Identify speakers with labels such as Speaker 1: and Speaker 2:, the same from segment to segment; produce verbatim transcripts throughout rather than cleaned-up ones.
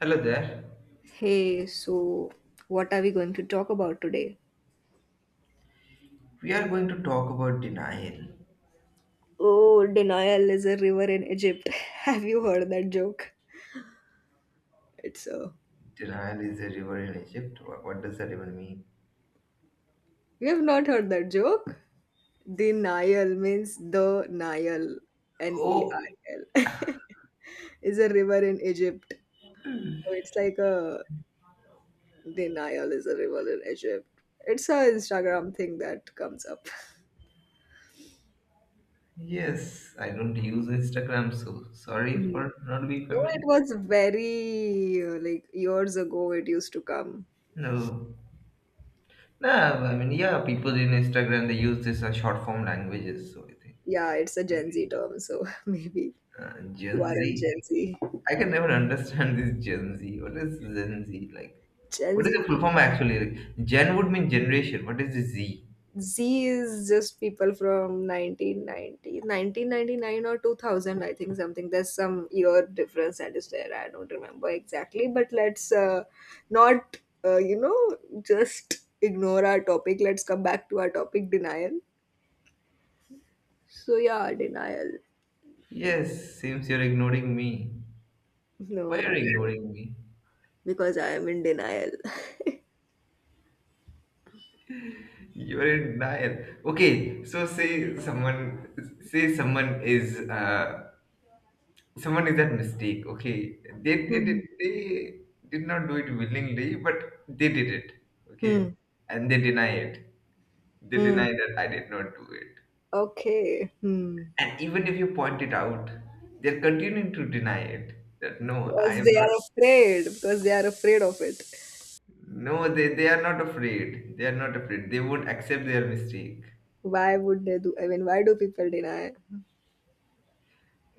Speaker 1: Hello there.
Speaker 2: Hey, so what are we going to talk about today?
Speaker 1: We are going to talk about denial.
Speaker 2: Oh, denial is a river in Egypt. Have you heard that joke? It's a.
Speaker 1: Denial is a river in Egypt. Wha- What does that even mean?
Speaker 2: You have not heard that joke? Denial means the Nile, N E
Speaker 1: Oh,
Speaker 2: I L, is a river in Egypt. So it's like a denial is a river in Egypt. It's a Instagram thing that comes up.
Speaker 1: yes. I don't use Instagram, so sorry
Speaker 2: Mhm.
Speaker 1: for not being
Speaker 2: No, it
Speaker 1: familiar.
Speaker 2: was very uh, like years ago. It used to come.
Speaker 1: No. No, I mean, yeah, people in Instagram, they use this uh, short form languages, so I think
Speaker 2: Yeah, it's a Gen
Speaker 1: maybe.
Speaker 2: Z term, so maybe
Speaker 1: Uh,
Speaker 2: you are
Speaker 1: Gen
Speaker 2: a
Speaker 1: Z.
Speaker 2: Gen Z.
Speaker 1: I can never understand this Gen Z. What is Gen Z like?
Speaker 2: Gen
Speaker 1: What is
Speaker 2: Z
Speaker 1: the full form
Speaker 2: people.
Speaker 1: actually? Like, Gen would mean generation. What is this Z?
Speaker 2: Z is just people from nineteen ninety, nineteen ninety nine, or two thousand, I think something. There's some year difference that is there. I don't remember exactly, but let's uh, not, uh, you know, just ignore our topic. Let's come back to our topic, denial. So yeah, denial.
Speaker 1: Yes, seems you're ignoring me.
Speaker 2: No, no,
Speaker 1: Why
Speaker 2: no,
Speaker 1: are
Speaker 2: no.
Speaker 1: you ignoring me?
Speaker 2: Because I am in denial.
Speaker 1: You're in denial. Okay, so say someone say someone is uh someone is at mistake. Okay, they they, did
Speaker 2: Hmm.
Speaker 1: they did not do it willingly, but they did it. Okay,
Speaker 2: Hmm.
Speaker 1: and they deny it. They
Speaker 2: Hmm.
Speaker 1: deny that I did not do it.
Speaker 2: Okay. Hmm.
Speaker 1: And even if you point it out, they're continuing to deny it. That no, I
Speaker 2: because
Speaker 1: am
Speaker 2: they
Speaker 1: not.
Speaker 2: are afraid because they are afraid of it.
Speaker 1: No, they they are not afraid. They are not afraid. They won't accept their mistake.
Speaker 2: Why would they do? I mean why do people deny?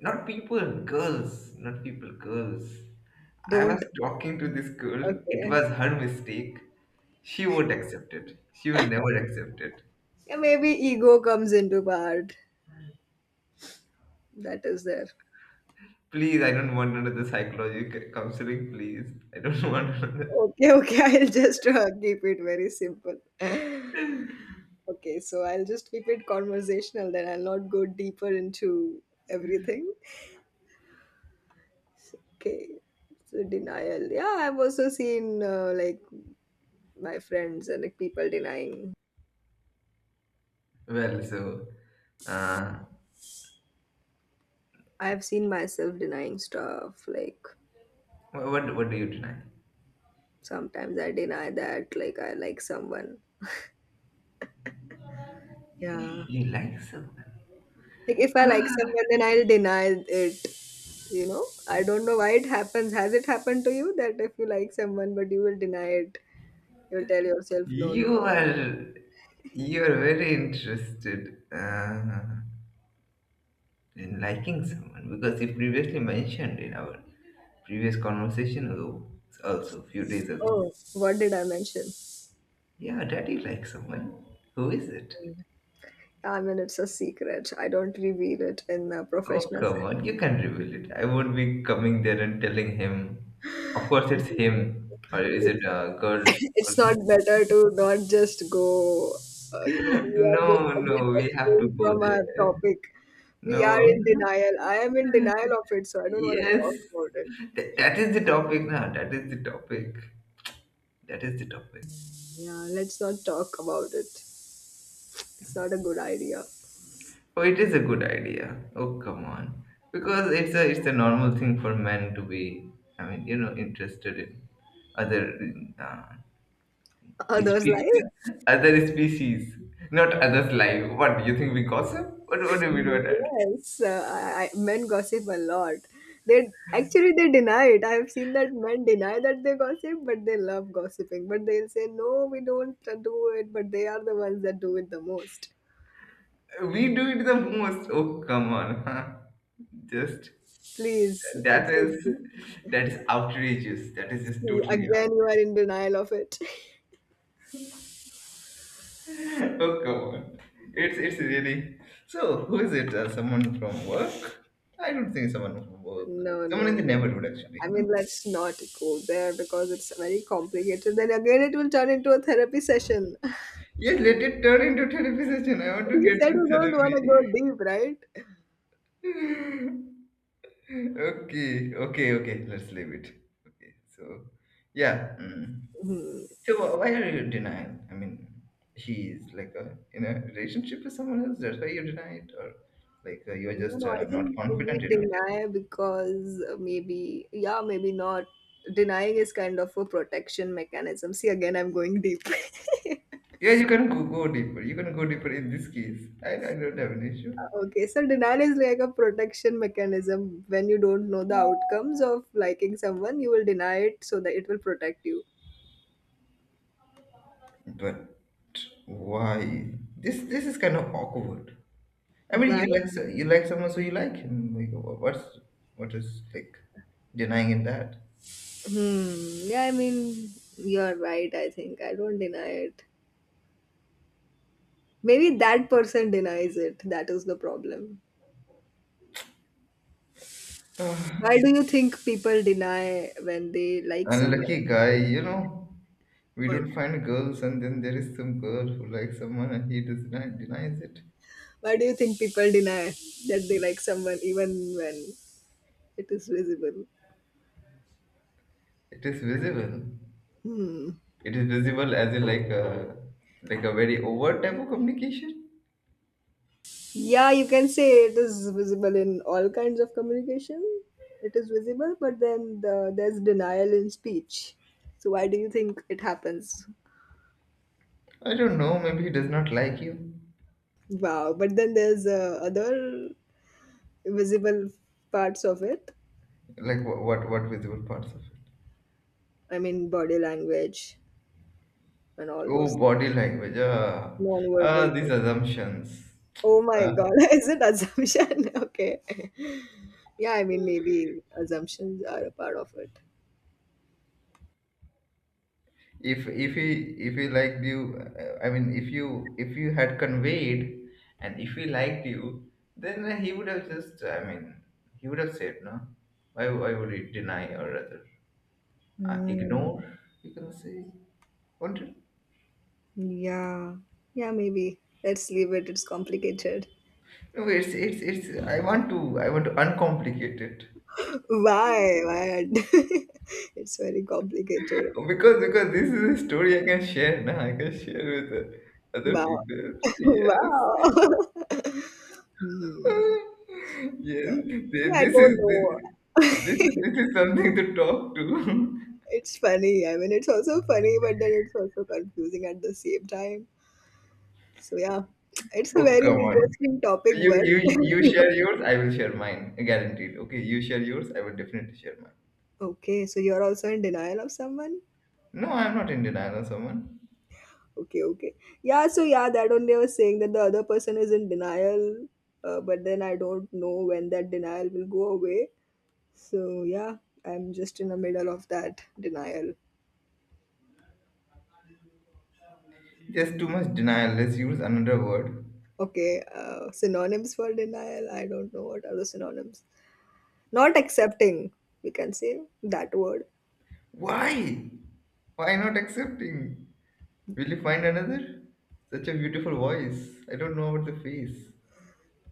Speaker 1: Not people, girls. Not people, girls. I was
Speaker 2: Don't.
Speaker 1: talking to this girl. It
Speaker 2: Okay.
Speaker 1: was her mistake. She won't accept it. She will never accept it.
Speaker 2: Yeah, maybe ego comes into part, that is there.
Speaker 1: Please, I don't want another psychological counseling. Please, I don't want another.
Speaker 2: Okay, okay. i'll just uh, keep it very simple. Okay, so I'll just keep it conversational, then I'll not go deeper into everything. Okay, so denial. Yeah, i've also seen uh, like my friends and like people denying.
Speaker 1: Well, so, uh,
Speaker 2: I've seen myself denying stuff like,
Speaker 1: wha- what what do you deny?
Speaker 2: sometimes I deny that, like, I like someone. Yeah.
Speaker 1: You like someone.
Speaker 2: Like, if I like someone, then I'll deny it. You know, I don't know why it happens. Has it happened to you that if you like someone, but you will deny it, you'll tell yourself, no,
Speaker 1: You
Speaker 2: no.
Speaker 1: are you are very interested. Uh, in liking someone because you previously mentioned in our previous conversation ago, also a few days ago,
Speaker 2: Oh, what did I mention?
Speaker 1: yeah, daddy likes someone. Who is it?
Speaker 2: I mean, it's a secret. I don't reveal it in a
Speaker 1: Oh,
Speaker 2: professional
Speaker 1: come on, you can reveal it. I won't be coming there and telling him. Of course, it's
Speaker 2: setting.
Speaker 1: him, or is
Speaker 2: It's
Speaker 1: it a girl?
Speaker 2: it's not better to not just go, uh, you know, we are just
Speaker 1: No,
Speaker 2: a bit
Speaker 1: no, we have to
Speaker 2: estranged
Speaker 1: go
Speaker 2: from our
Speaker 1: there.
Speaker 2: topic. We are
Speaker 1: No,
Speaker 2: in denial. I am in denial of it, so I don't want to
Speaker 1: yes,
Speaker 2: talk about it.
Speaker 1: Th- that is the topic now. That is the topic. That is the topic.
Speaker 2: Yeah, let's not talk about it. It's not a good idea.
Speaker 1: Oh, it is a good idea. Oh, come on. Because it's a it's a normal thing for men to be, I mean, you know, interested in other uh,
Speaker 2: Others
Speaker 1: spe-
Speaker 2: like
Speaker 1: other species, not others' life. What do you think we gossip? What what do we do that?
Speaker 2: yes, uh, I, I, men gossip a lot. They actually they deny it. I have seen that men deny that they gossip, but they love gossiping. But they'll say no, we don't uh, do it. But they are the ones that do it the most.
Speaker 1: We do it the most. Oh, come on. huh? Just
Speaker 2: Please, it's
Speaker 1: that is
Speaker 2: it.
Speaker 1: that is outrageous. That is just
Speaker 2: See,
Speaker 1: totally
Speaker 2: again, you are
Speaker 1: outrageous.
Speaker 2: in denial of it.
Speaker 1: Oh, come on. It's it's really so. Who is it? Uh, someone from work? I don't think someone from work.
Speaker 2: No,
Speaker 1: Someone
Speaker 2: no,
Speaker 1: in the
Speaker 2: no.
Speaker 1: neighborhood, actually.
Speaker 2: I
Speaker 1: No.
Speaker 2: mean, let's not go there because it's very complicated. Then again, it will turn into a therapy session.
Speaker 1: Yes, let it turn into therapy session. I want to
Speaker 2: You
Speaker 1: get
Speaker 2: said you
Speaker 1: this
Speaker 2: don't want to go
Speaker 1: therapy.
Speaker 2: deep, right?
Speaker 1: okay, okay, okay. Let's leave it. Okay. So, yeah. mm.
Speaker 2: Hmm.
Speaker 1: So wh- why are you denying? I mean, he's like a in a relationship with someone else. That's why you deny it, or like uh, you're
Speaker 2: No,
Speaker 1: just
Speaker 2: no, I
Speaker 1: uh, not
Speaker 2: think we
Speaker 1: confident enough.
Speaker 2: deny because maybe, yeah, maybe not. Denying is kind of a protection mechanism. See, again, I'm going deep.
Speaker 1: Yeah, you can go, go deeper. You can go deeper in this case. I, I don't have an issue.
Speaker 2: Okay, so denial is like a protection mechanism. When you don't know the outcomes of liking someone, you will deny it so that it will protect you.
Speaker 1: But why? This this is kind of awkward. I mean,
Speaker 2: Why?
Speaker 1: you like so- you like someone, so you like him. Like, wha- what's what is like denying in that?
Speaker 2: Hmm. Yeah, I mean, you're right. I think I don't deny it. Maybe that person denies it. That is the problem. Why do you think people deny when they
Speaker 1: Ah,
Speaker 2: like someone?
Speaker 1: unlucky guy, you know. We
Speaker 2: Or
Speaker 1: don't find girls, and then there is some girl who likes someone, and he does not denies it.
Speaker 2: why do you think people deny that they like someone even when it is visible?
Speaker 1: It is visible. It is visible as in like a like a very overt type of communication.
Speaker 2: Yeah, you can say it is visible in all kinds of communication. It is visible, but then the, there's denial in speech. So why do you think it happens?
Speaker 1: I don't know. Maybe he does not like you.
Speaker 2: Wow. But then there's uh, other visible parts of it.
Speaker 1: Like what? What, what visible parts of it?
Speaker 2: I mean, body language and all
Speaker 1: Oh,
Speaker 2: those
Speaker 1: body language. Ah, ah
Speaker 2: non-verbal
Speaker 1: these
Speaker 2: things.
Speaker 1: assumptions.
Speaker 2: Oh my
Speaker 1: Uh,
Speaker 2: God, is it assumption? Okay. Yeah, I mean, maybe assumptions are a part of it.
Speaker 1: if if he if he liked you, uh, I mean, if you if you had conveyed, and if he liked you, then he would have just. I mean, he would have said no. Why why would he deny or rather uh,
Speaker 2: Hmm.
Speaker 1: ignore? You can say, won't it?
Speaker 2: Yeah, yeah, maybe. Let's leave it. It's complicated.
Speaker 1: No, it's it's it's. I want to I want to uncomplicate it.
Speaker 2: Why? Why? It's very complicated.
Speaker 1: Because because this is a story I can share now. I can share with uh, other
Speaker 2: Wow.
Speaker 1: people.
Speaker 2: Wow.
Speaker 1: Yes.
Speaker 2: Hmm.
Speaker 1: yes. Th-
Speaker 2: Yeah, I
Speaker 1: This is
Speaker 2: don't
Speaker 1: this,
Speaker 2: know.
Speaker 1: this this is something to talk to.
Speaker 2: It's funny. I mean, it's also funny, but then it's also confusing at the same time. So, yeah, it's a
Speaker 1: oh
Speaker 2: very
Speaker 1: come on.
Speaker 2: interesting topic,
Speaker 1: You
Speaker 2: but
Speaker 1: you you share yours, I will share mine. Guaranteed. Okay, you share yours, I will definitely share mine.
Speaker 2: okay, so you're also in denial of someone?
Speaker 1: No, I'm not in denial of someone.
Speaker 2: Okay, okay. Yeah, so yeah, that only I was saying that the other person is in denial, uh, but then I don't know when that denial will go away. So yeah, I'm just in the middle of that denial.
Speaker 1: Just too much denial. Let's use another word.
Speaker 2: Okay, uh, synonyms for denial. I don't know what are the synonyms. Not accepting, we can say that word.
Speaker 1: Why? Why not accepting? Will you find another? Such a beautiful voice. I don't know about the face.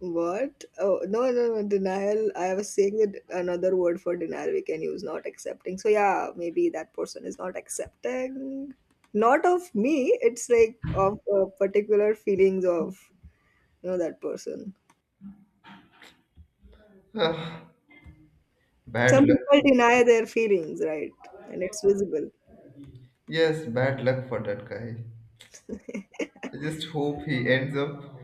Speaker 2: What? Oh, no, no, no, denial. I was saying that another word for denial we can use, not accepting. So, yeah, maybe that person is not accepting, not of me, it's like of uh, particular feelings of, you know, that person.
Speaker 1: Ah, bad
Speaker 2: Some
Speaker 1: luck.
Speaker 2: people deny their feelings, right? And it's visible.
Speaker 1: Yes, bad luck for that guy. I just hope he ends up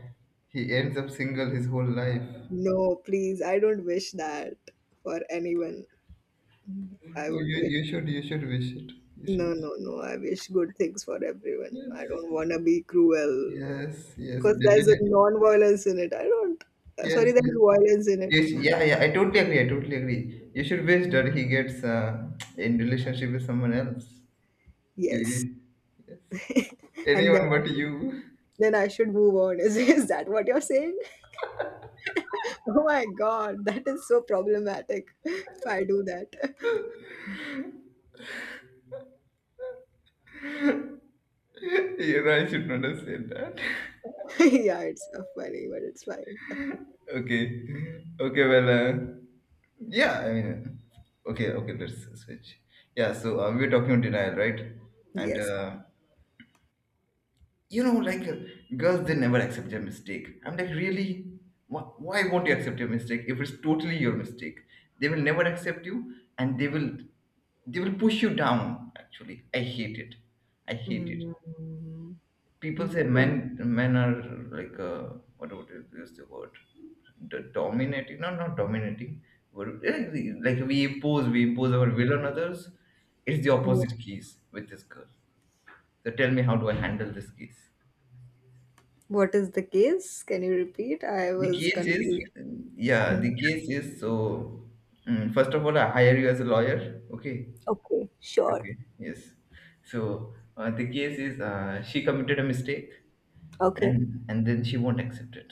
Speaker 1: he ends up single his whole life.
Speaker 2: No, please, I don't wish that for anyone. I
Speaker 1: Oh,
Speaker 2: would
Speaker 1: you
Speaker 2: wish.
Speaker 1: you should you should wish it. You should.
Speaker 2: No, no, no. I wish good things for everyone. I
Speaker 1: Yes,
Speaker 2: don't want to be cruel
Speaker 1: yes, yes,
Speaker 2: because there's a
Speaker 1: definitely.
Speaker 2: non-violence in it. I don't. uh, Sorry,
Speaker 1: Yes, yes.
Speaker 2: there's violence in it.
Speaker 1: Yes, yeah, yeah. I totally agree. I totally agree. You should wish that he gets uh, in relationship with someone else. You,
Speaker 2: Yes,
Speaker 1: you yes.
Speaker 2: and then
Speaker 1: Anyone but you.
Speaker 2: then I should move on. Is is that what you're saying? Oh my God, that is so problematic. If I do that,
Speaker 1: you know, I should not have said that.
Speaker 2: yeah, it's uh, funny, but it's fine.
Speaker 1: Okay. Okay, well, uh, yeah, I mean, okay, okay, let's switch. Yeah, so uh, we were talking on denial, right? And,
Speaker 2: Yes.
Speaker 1: uh, you know, like, uh, girls, they never accept their mistake. I'm like, really? Wh- Why won't you accept your mistake if it's totally your mistake? They will never accept you and they will they will push you down, actually. I hate it, I hate it.
Speaker 2: Mm,
Speaker 1: People say men
Speaker 2: okay.
Speaker 1: men are like uh, what would you use the word, the dominating, no not dominating. What- eh, we- like we impose we impose our will on others. It's the opposite case with this girl. So tell me, how do I handle this case?
Speaker 2: What is the case? Can you repeat? I
Speaker 1: The
Speaker 2: was
Speaker 1: case is,
Speaker 2: confused.
Speaker 1: yeah, the
Speaker 2: Mm.
Speaker 1: case is so mm, first of all, I hire you as a lawyer. Okay,
Speaker 2: Okay, sure.
Speaker 1: okay, yes. So uh, the case is uh, she committed a mistake,
Speaker 2: Okay,
Speaker 1: and and then she won't accept it.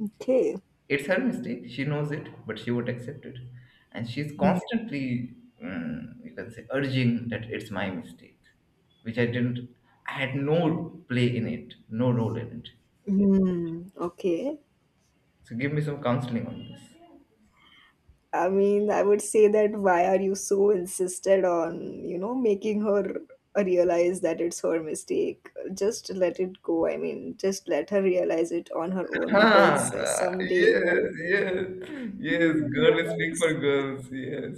Speaker 2: okay.
Speaker 1: It's her mistake. She knows it, but she won't accept it. And she's
Speaker 2: Mm.
Speaker 1: constantly, mm, you can say, urging that it's my mistake, which I didn't, I had no play in it, no role in it.
Speaker 2: Mm, okay.
Speaker 1: So give me some counseling on this.
Speaker 2: I mean, I would say that why are you so insisted on, you know, making her realize that it's her mistake? Just let it go. I mean, just let her realize it on her own because uh,
Speaker 1: Ah,
Speaker 2: some days.
Speaker 1: yes,
Speaker 2: I
Speaker 1: yes, yes. Girl is speak for
Speaker 2: realize.
Speaker 1: girls. Yes,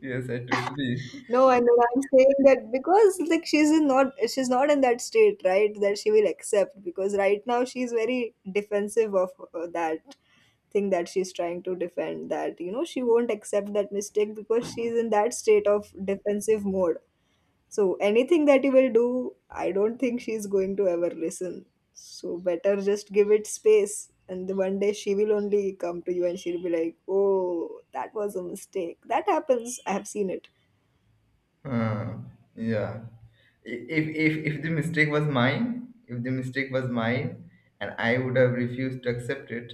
Speaker 1: yes. I totally,
Speaker 2: No, I know I'm saying that because like she's in not she's not in that state, right? That she will accept, because right now she's very defensive of uh, that thing that she's trying to defend, that you know she won't accept that mistake because she's in that state of defensive mode. So anything that you will do, I don't think she's going to ever listen. So better just give it space, and the one day she will only come to you and she'll be like, oh, that was a mistake. That happens, I have seen it.
Speaker 1: Uh, yeah. I- If, if if the mistake was mine, if the mistake was mine, and I would have refused to accept it,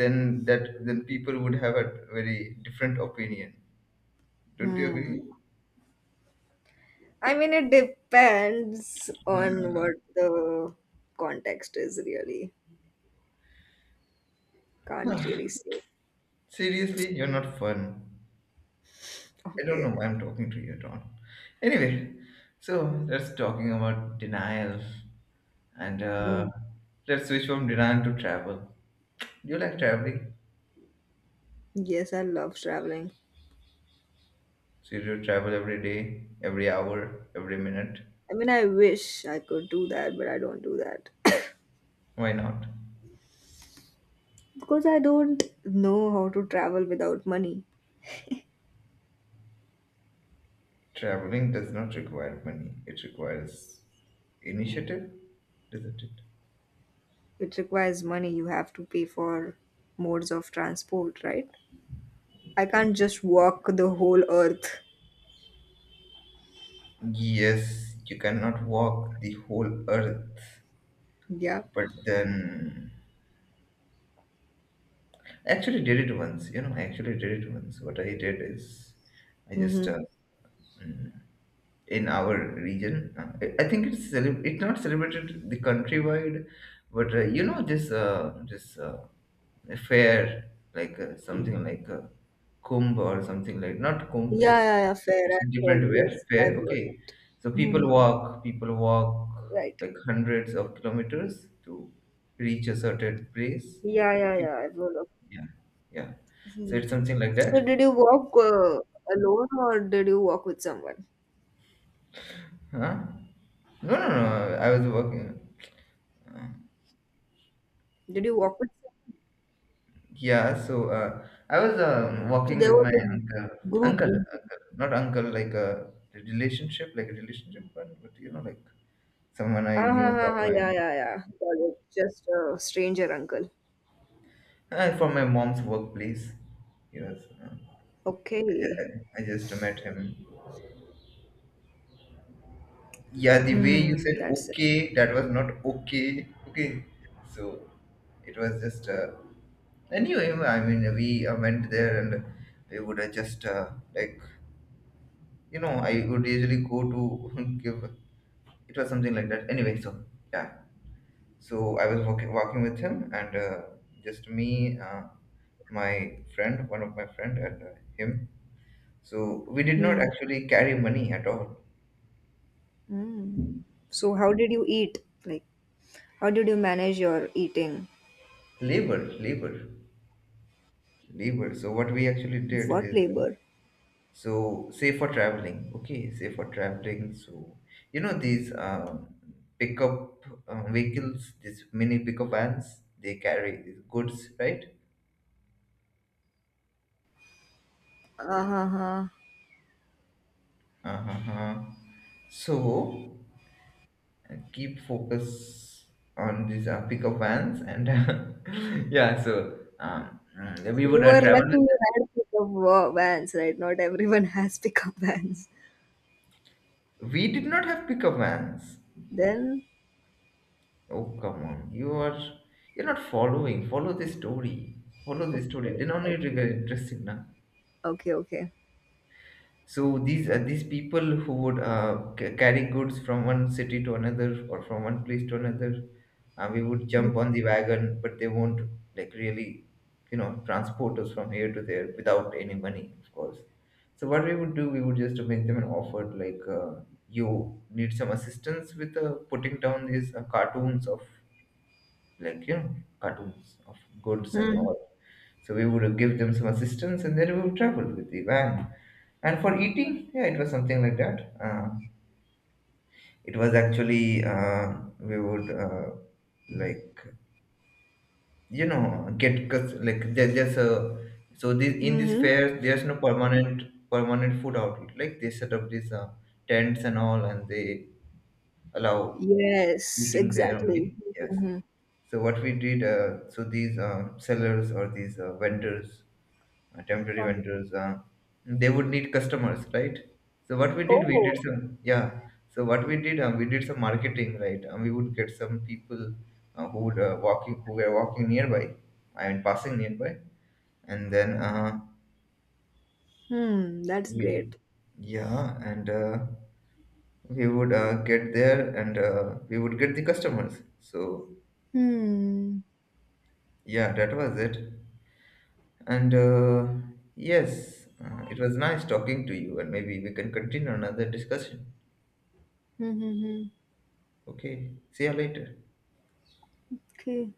Speaker 1: then that then people would have a very different opinion. Don't you agree?
Speaker 2: I mean, it depends on what the context is, really. Can't really say.
Speaker 1: Seriously, you're not fun. I don't
Speaker 2: Okay.
Speaker 1: know why I'm talking to you at all. Anyway, so let's talking about denial, and uh,
Speaker 2: Mm.
Speaker 1: let's switch from denial to travel. Do you like traveling?
Speaker 2: Yes, I love traveling.
Speaker 1: So you travel every day, every hour, every minute.
Speaker 2: I mean, I wish I could do that, but I don't do that.
Speaker 1: Why not?
Speaker 2: Because I don't know how to travel without money.
Speaker 1: Traveling does not require money. It requires initiative, doesn't it?
Speaker 2: It requires money. You have to pay for modes of transport, right? I can't just walk the whole earth.
Speaker 1: Yes, you cannot walk the whole earth,
Speaker 2: Yeah.
Speaker 1: but then actually did it once. You know, I actually did it once. What I did is, I just
Speaker 2: Mm-hmm.
Speaker 1: uh, mm, in our region. Uh, I think it's cele- it's not celebrated the countrywide, but uh, you know this uh, this uh, fair like uh, something like uh, kumbh or something like not kumbh.
Speaker 2: Yeah,
Speaker 1: It's
Speaker 2: yeah, yeah, fair.
Speaker 1: it's a
Speaker 2: I've heard.
Speaker 1: different fair.
Speaker 2: Yes,
Speaker 1: Fair,
Speaker 2: I've heard
Speaker 1: okay.
Speaker 2: it.
Speaker 1: So people
Speaker 2: Hmm.
Speaker 1: walk, people walk
Speaker 2: Right.
Speaker 1: like hundreds of kilometers to reach a certain place.
Speaker 2: Yeah, yeah,
Speaker 1: Okay,
Speaker 2: yeah, I've heard of.
Speaker 1: yeah, yeah. So
Speaker 2: Hmm.
Speaker 1: it's something like
Speaker 2: So,
Speaker 1: that.
Speaker 2: did you walk uh, alone or did you walk with someone?
Speaker 1: Huh? No, no, no. I was working. uh,
Speaker 2: Did you walk with someone?
Speaker 1: Yeah, so uh, I was um,
Speaker 2: So,
Speaker 1: walking
Speaker 2: there
Speaker 1: with
Speaker 2: was
Speaker 1: my uncle,
Speaker 2: a group.
Speaker 1: uncle, uncle, not uncle, like a relationship, like a relationship, but, but you know, like someone I
Speaker 2: Ah, ha,
Speaker 1: knew
Speaker 2: ha,
Speaker 1: from
Speaker 2: ha,
Speaker 1: my
Speaker 2: yeah, yeah, yeah. Got it. Just a stranger uncle.
Speaker 1: uh, from my mom's workplace. Yes, uh, I, just,
Speaker 2: Okay.
Speaker 1: I I just met him. Yeah, the way you
Speaker 2: Hmm,
Speaker 1: said
Speaker 2: that's it.
Speaker 1: okay, that was not okay. Okay, so it was just uh, anyway. I mean, we uh, went there and we would uh, just uh, like you know, I would usually go to give it was something like that anyway so yeah. So I was walking, walking with him and uh, just me uh, my friend, one of my friend, and uh, him. So we did not
Speaker 2: Hmm.
Speaker 1: actually carry money at all.
Speaker 2: Hmm. So how did you eat? Like, how did you manage your eating?
Speaker 1: Labor, labor, labor. So what we actually did
Speaker 2: What
Speaker 1: is uh,
Speaker 2: labor?
Speaker 1: so say for traveling, okay, say for traveling. So you know these um, pickup uh, vehicles, these mini pickup vans, they carry these goods, right?
Speaker 2: Uh-huh.
Speaker 1: Uh-huh. So and keep focus on these uh, pickup vans and yeah so um, mm, we
Speaker 2: You
Speaker 1: would uh,
Speaker 2: were
Speaker 1: travel
Speaker 2: lucky
Speaker 1: with
Speaker 2: you had pickup wa- vans, right? Not everyone has pickup vans.
Speaker 1: them. We did not have pickup vans.
Speaker 2: Then,
Speaker 1: Oh come on, you are you're not following, follow the story, follow the story, then only it will
Speaker 2: okay,
Speaker 1: get interesting now.
Speaker 2: okay, okay.
Speaker 1: So these uh, these people who would uh, c- carry goods from one city to another or from one place to another, uh, we would jump on the wagon, but they won't, like, really, you know, transport us from here to there without any money, of course. So what we would do, we would just make them an offer, like uh, you need some assistance with uh, putting down these uh, cartoons of, like you know, cartoons of goods and
Speaker 2: Mm-hmm.
Speaker 1: all. So we would give them some assistance, and then we would travel with the van. And for eating, yeah, it was something like that. Uh, it was actually uh, we would uh, like you know, get cus- like there, there's a so this, in these
Speaker 2: Hmm.
Speaker 1: fairs there's no permanent permanent food outlet. Like they set up these uh, tents and all, and they allow
Speaker 2: Yes,
Speaker 1: eating there
Speaker 2: exactly.
Speaker 1: only. Yes.
Speaker 2: Mm-hmm.
Speaker 1: So what we did, uh, so these uh, sellers or these uh, vendors, uh, temporary vendors, uh, they would need customers, right? So what we did, we did
Speaker 2: Oh,
Speaker 1: some, yeah, so what we did, uh, we did some marketing, right? And we would get some people uh, who would uh, walking who were walking nearby, I mean passing nearby, and then uh,
Speaker 2: hmm, that's
Speaker 1: we,
Speaker 2: great.
Speaker 1: yeah, and uh, we would uh, get there and uh, we would get the customers. So
Speaker 2: Hmm.
Speaker 1: yeah, that was it. And uh, yes, uh, it was nice talking to you, and maybe we can continue another discussion.
Speaker 2: Hmm. Hmm. Hmm.
Speaker 1: Okay, see you later.
Speaker 2: Okay.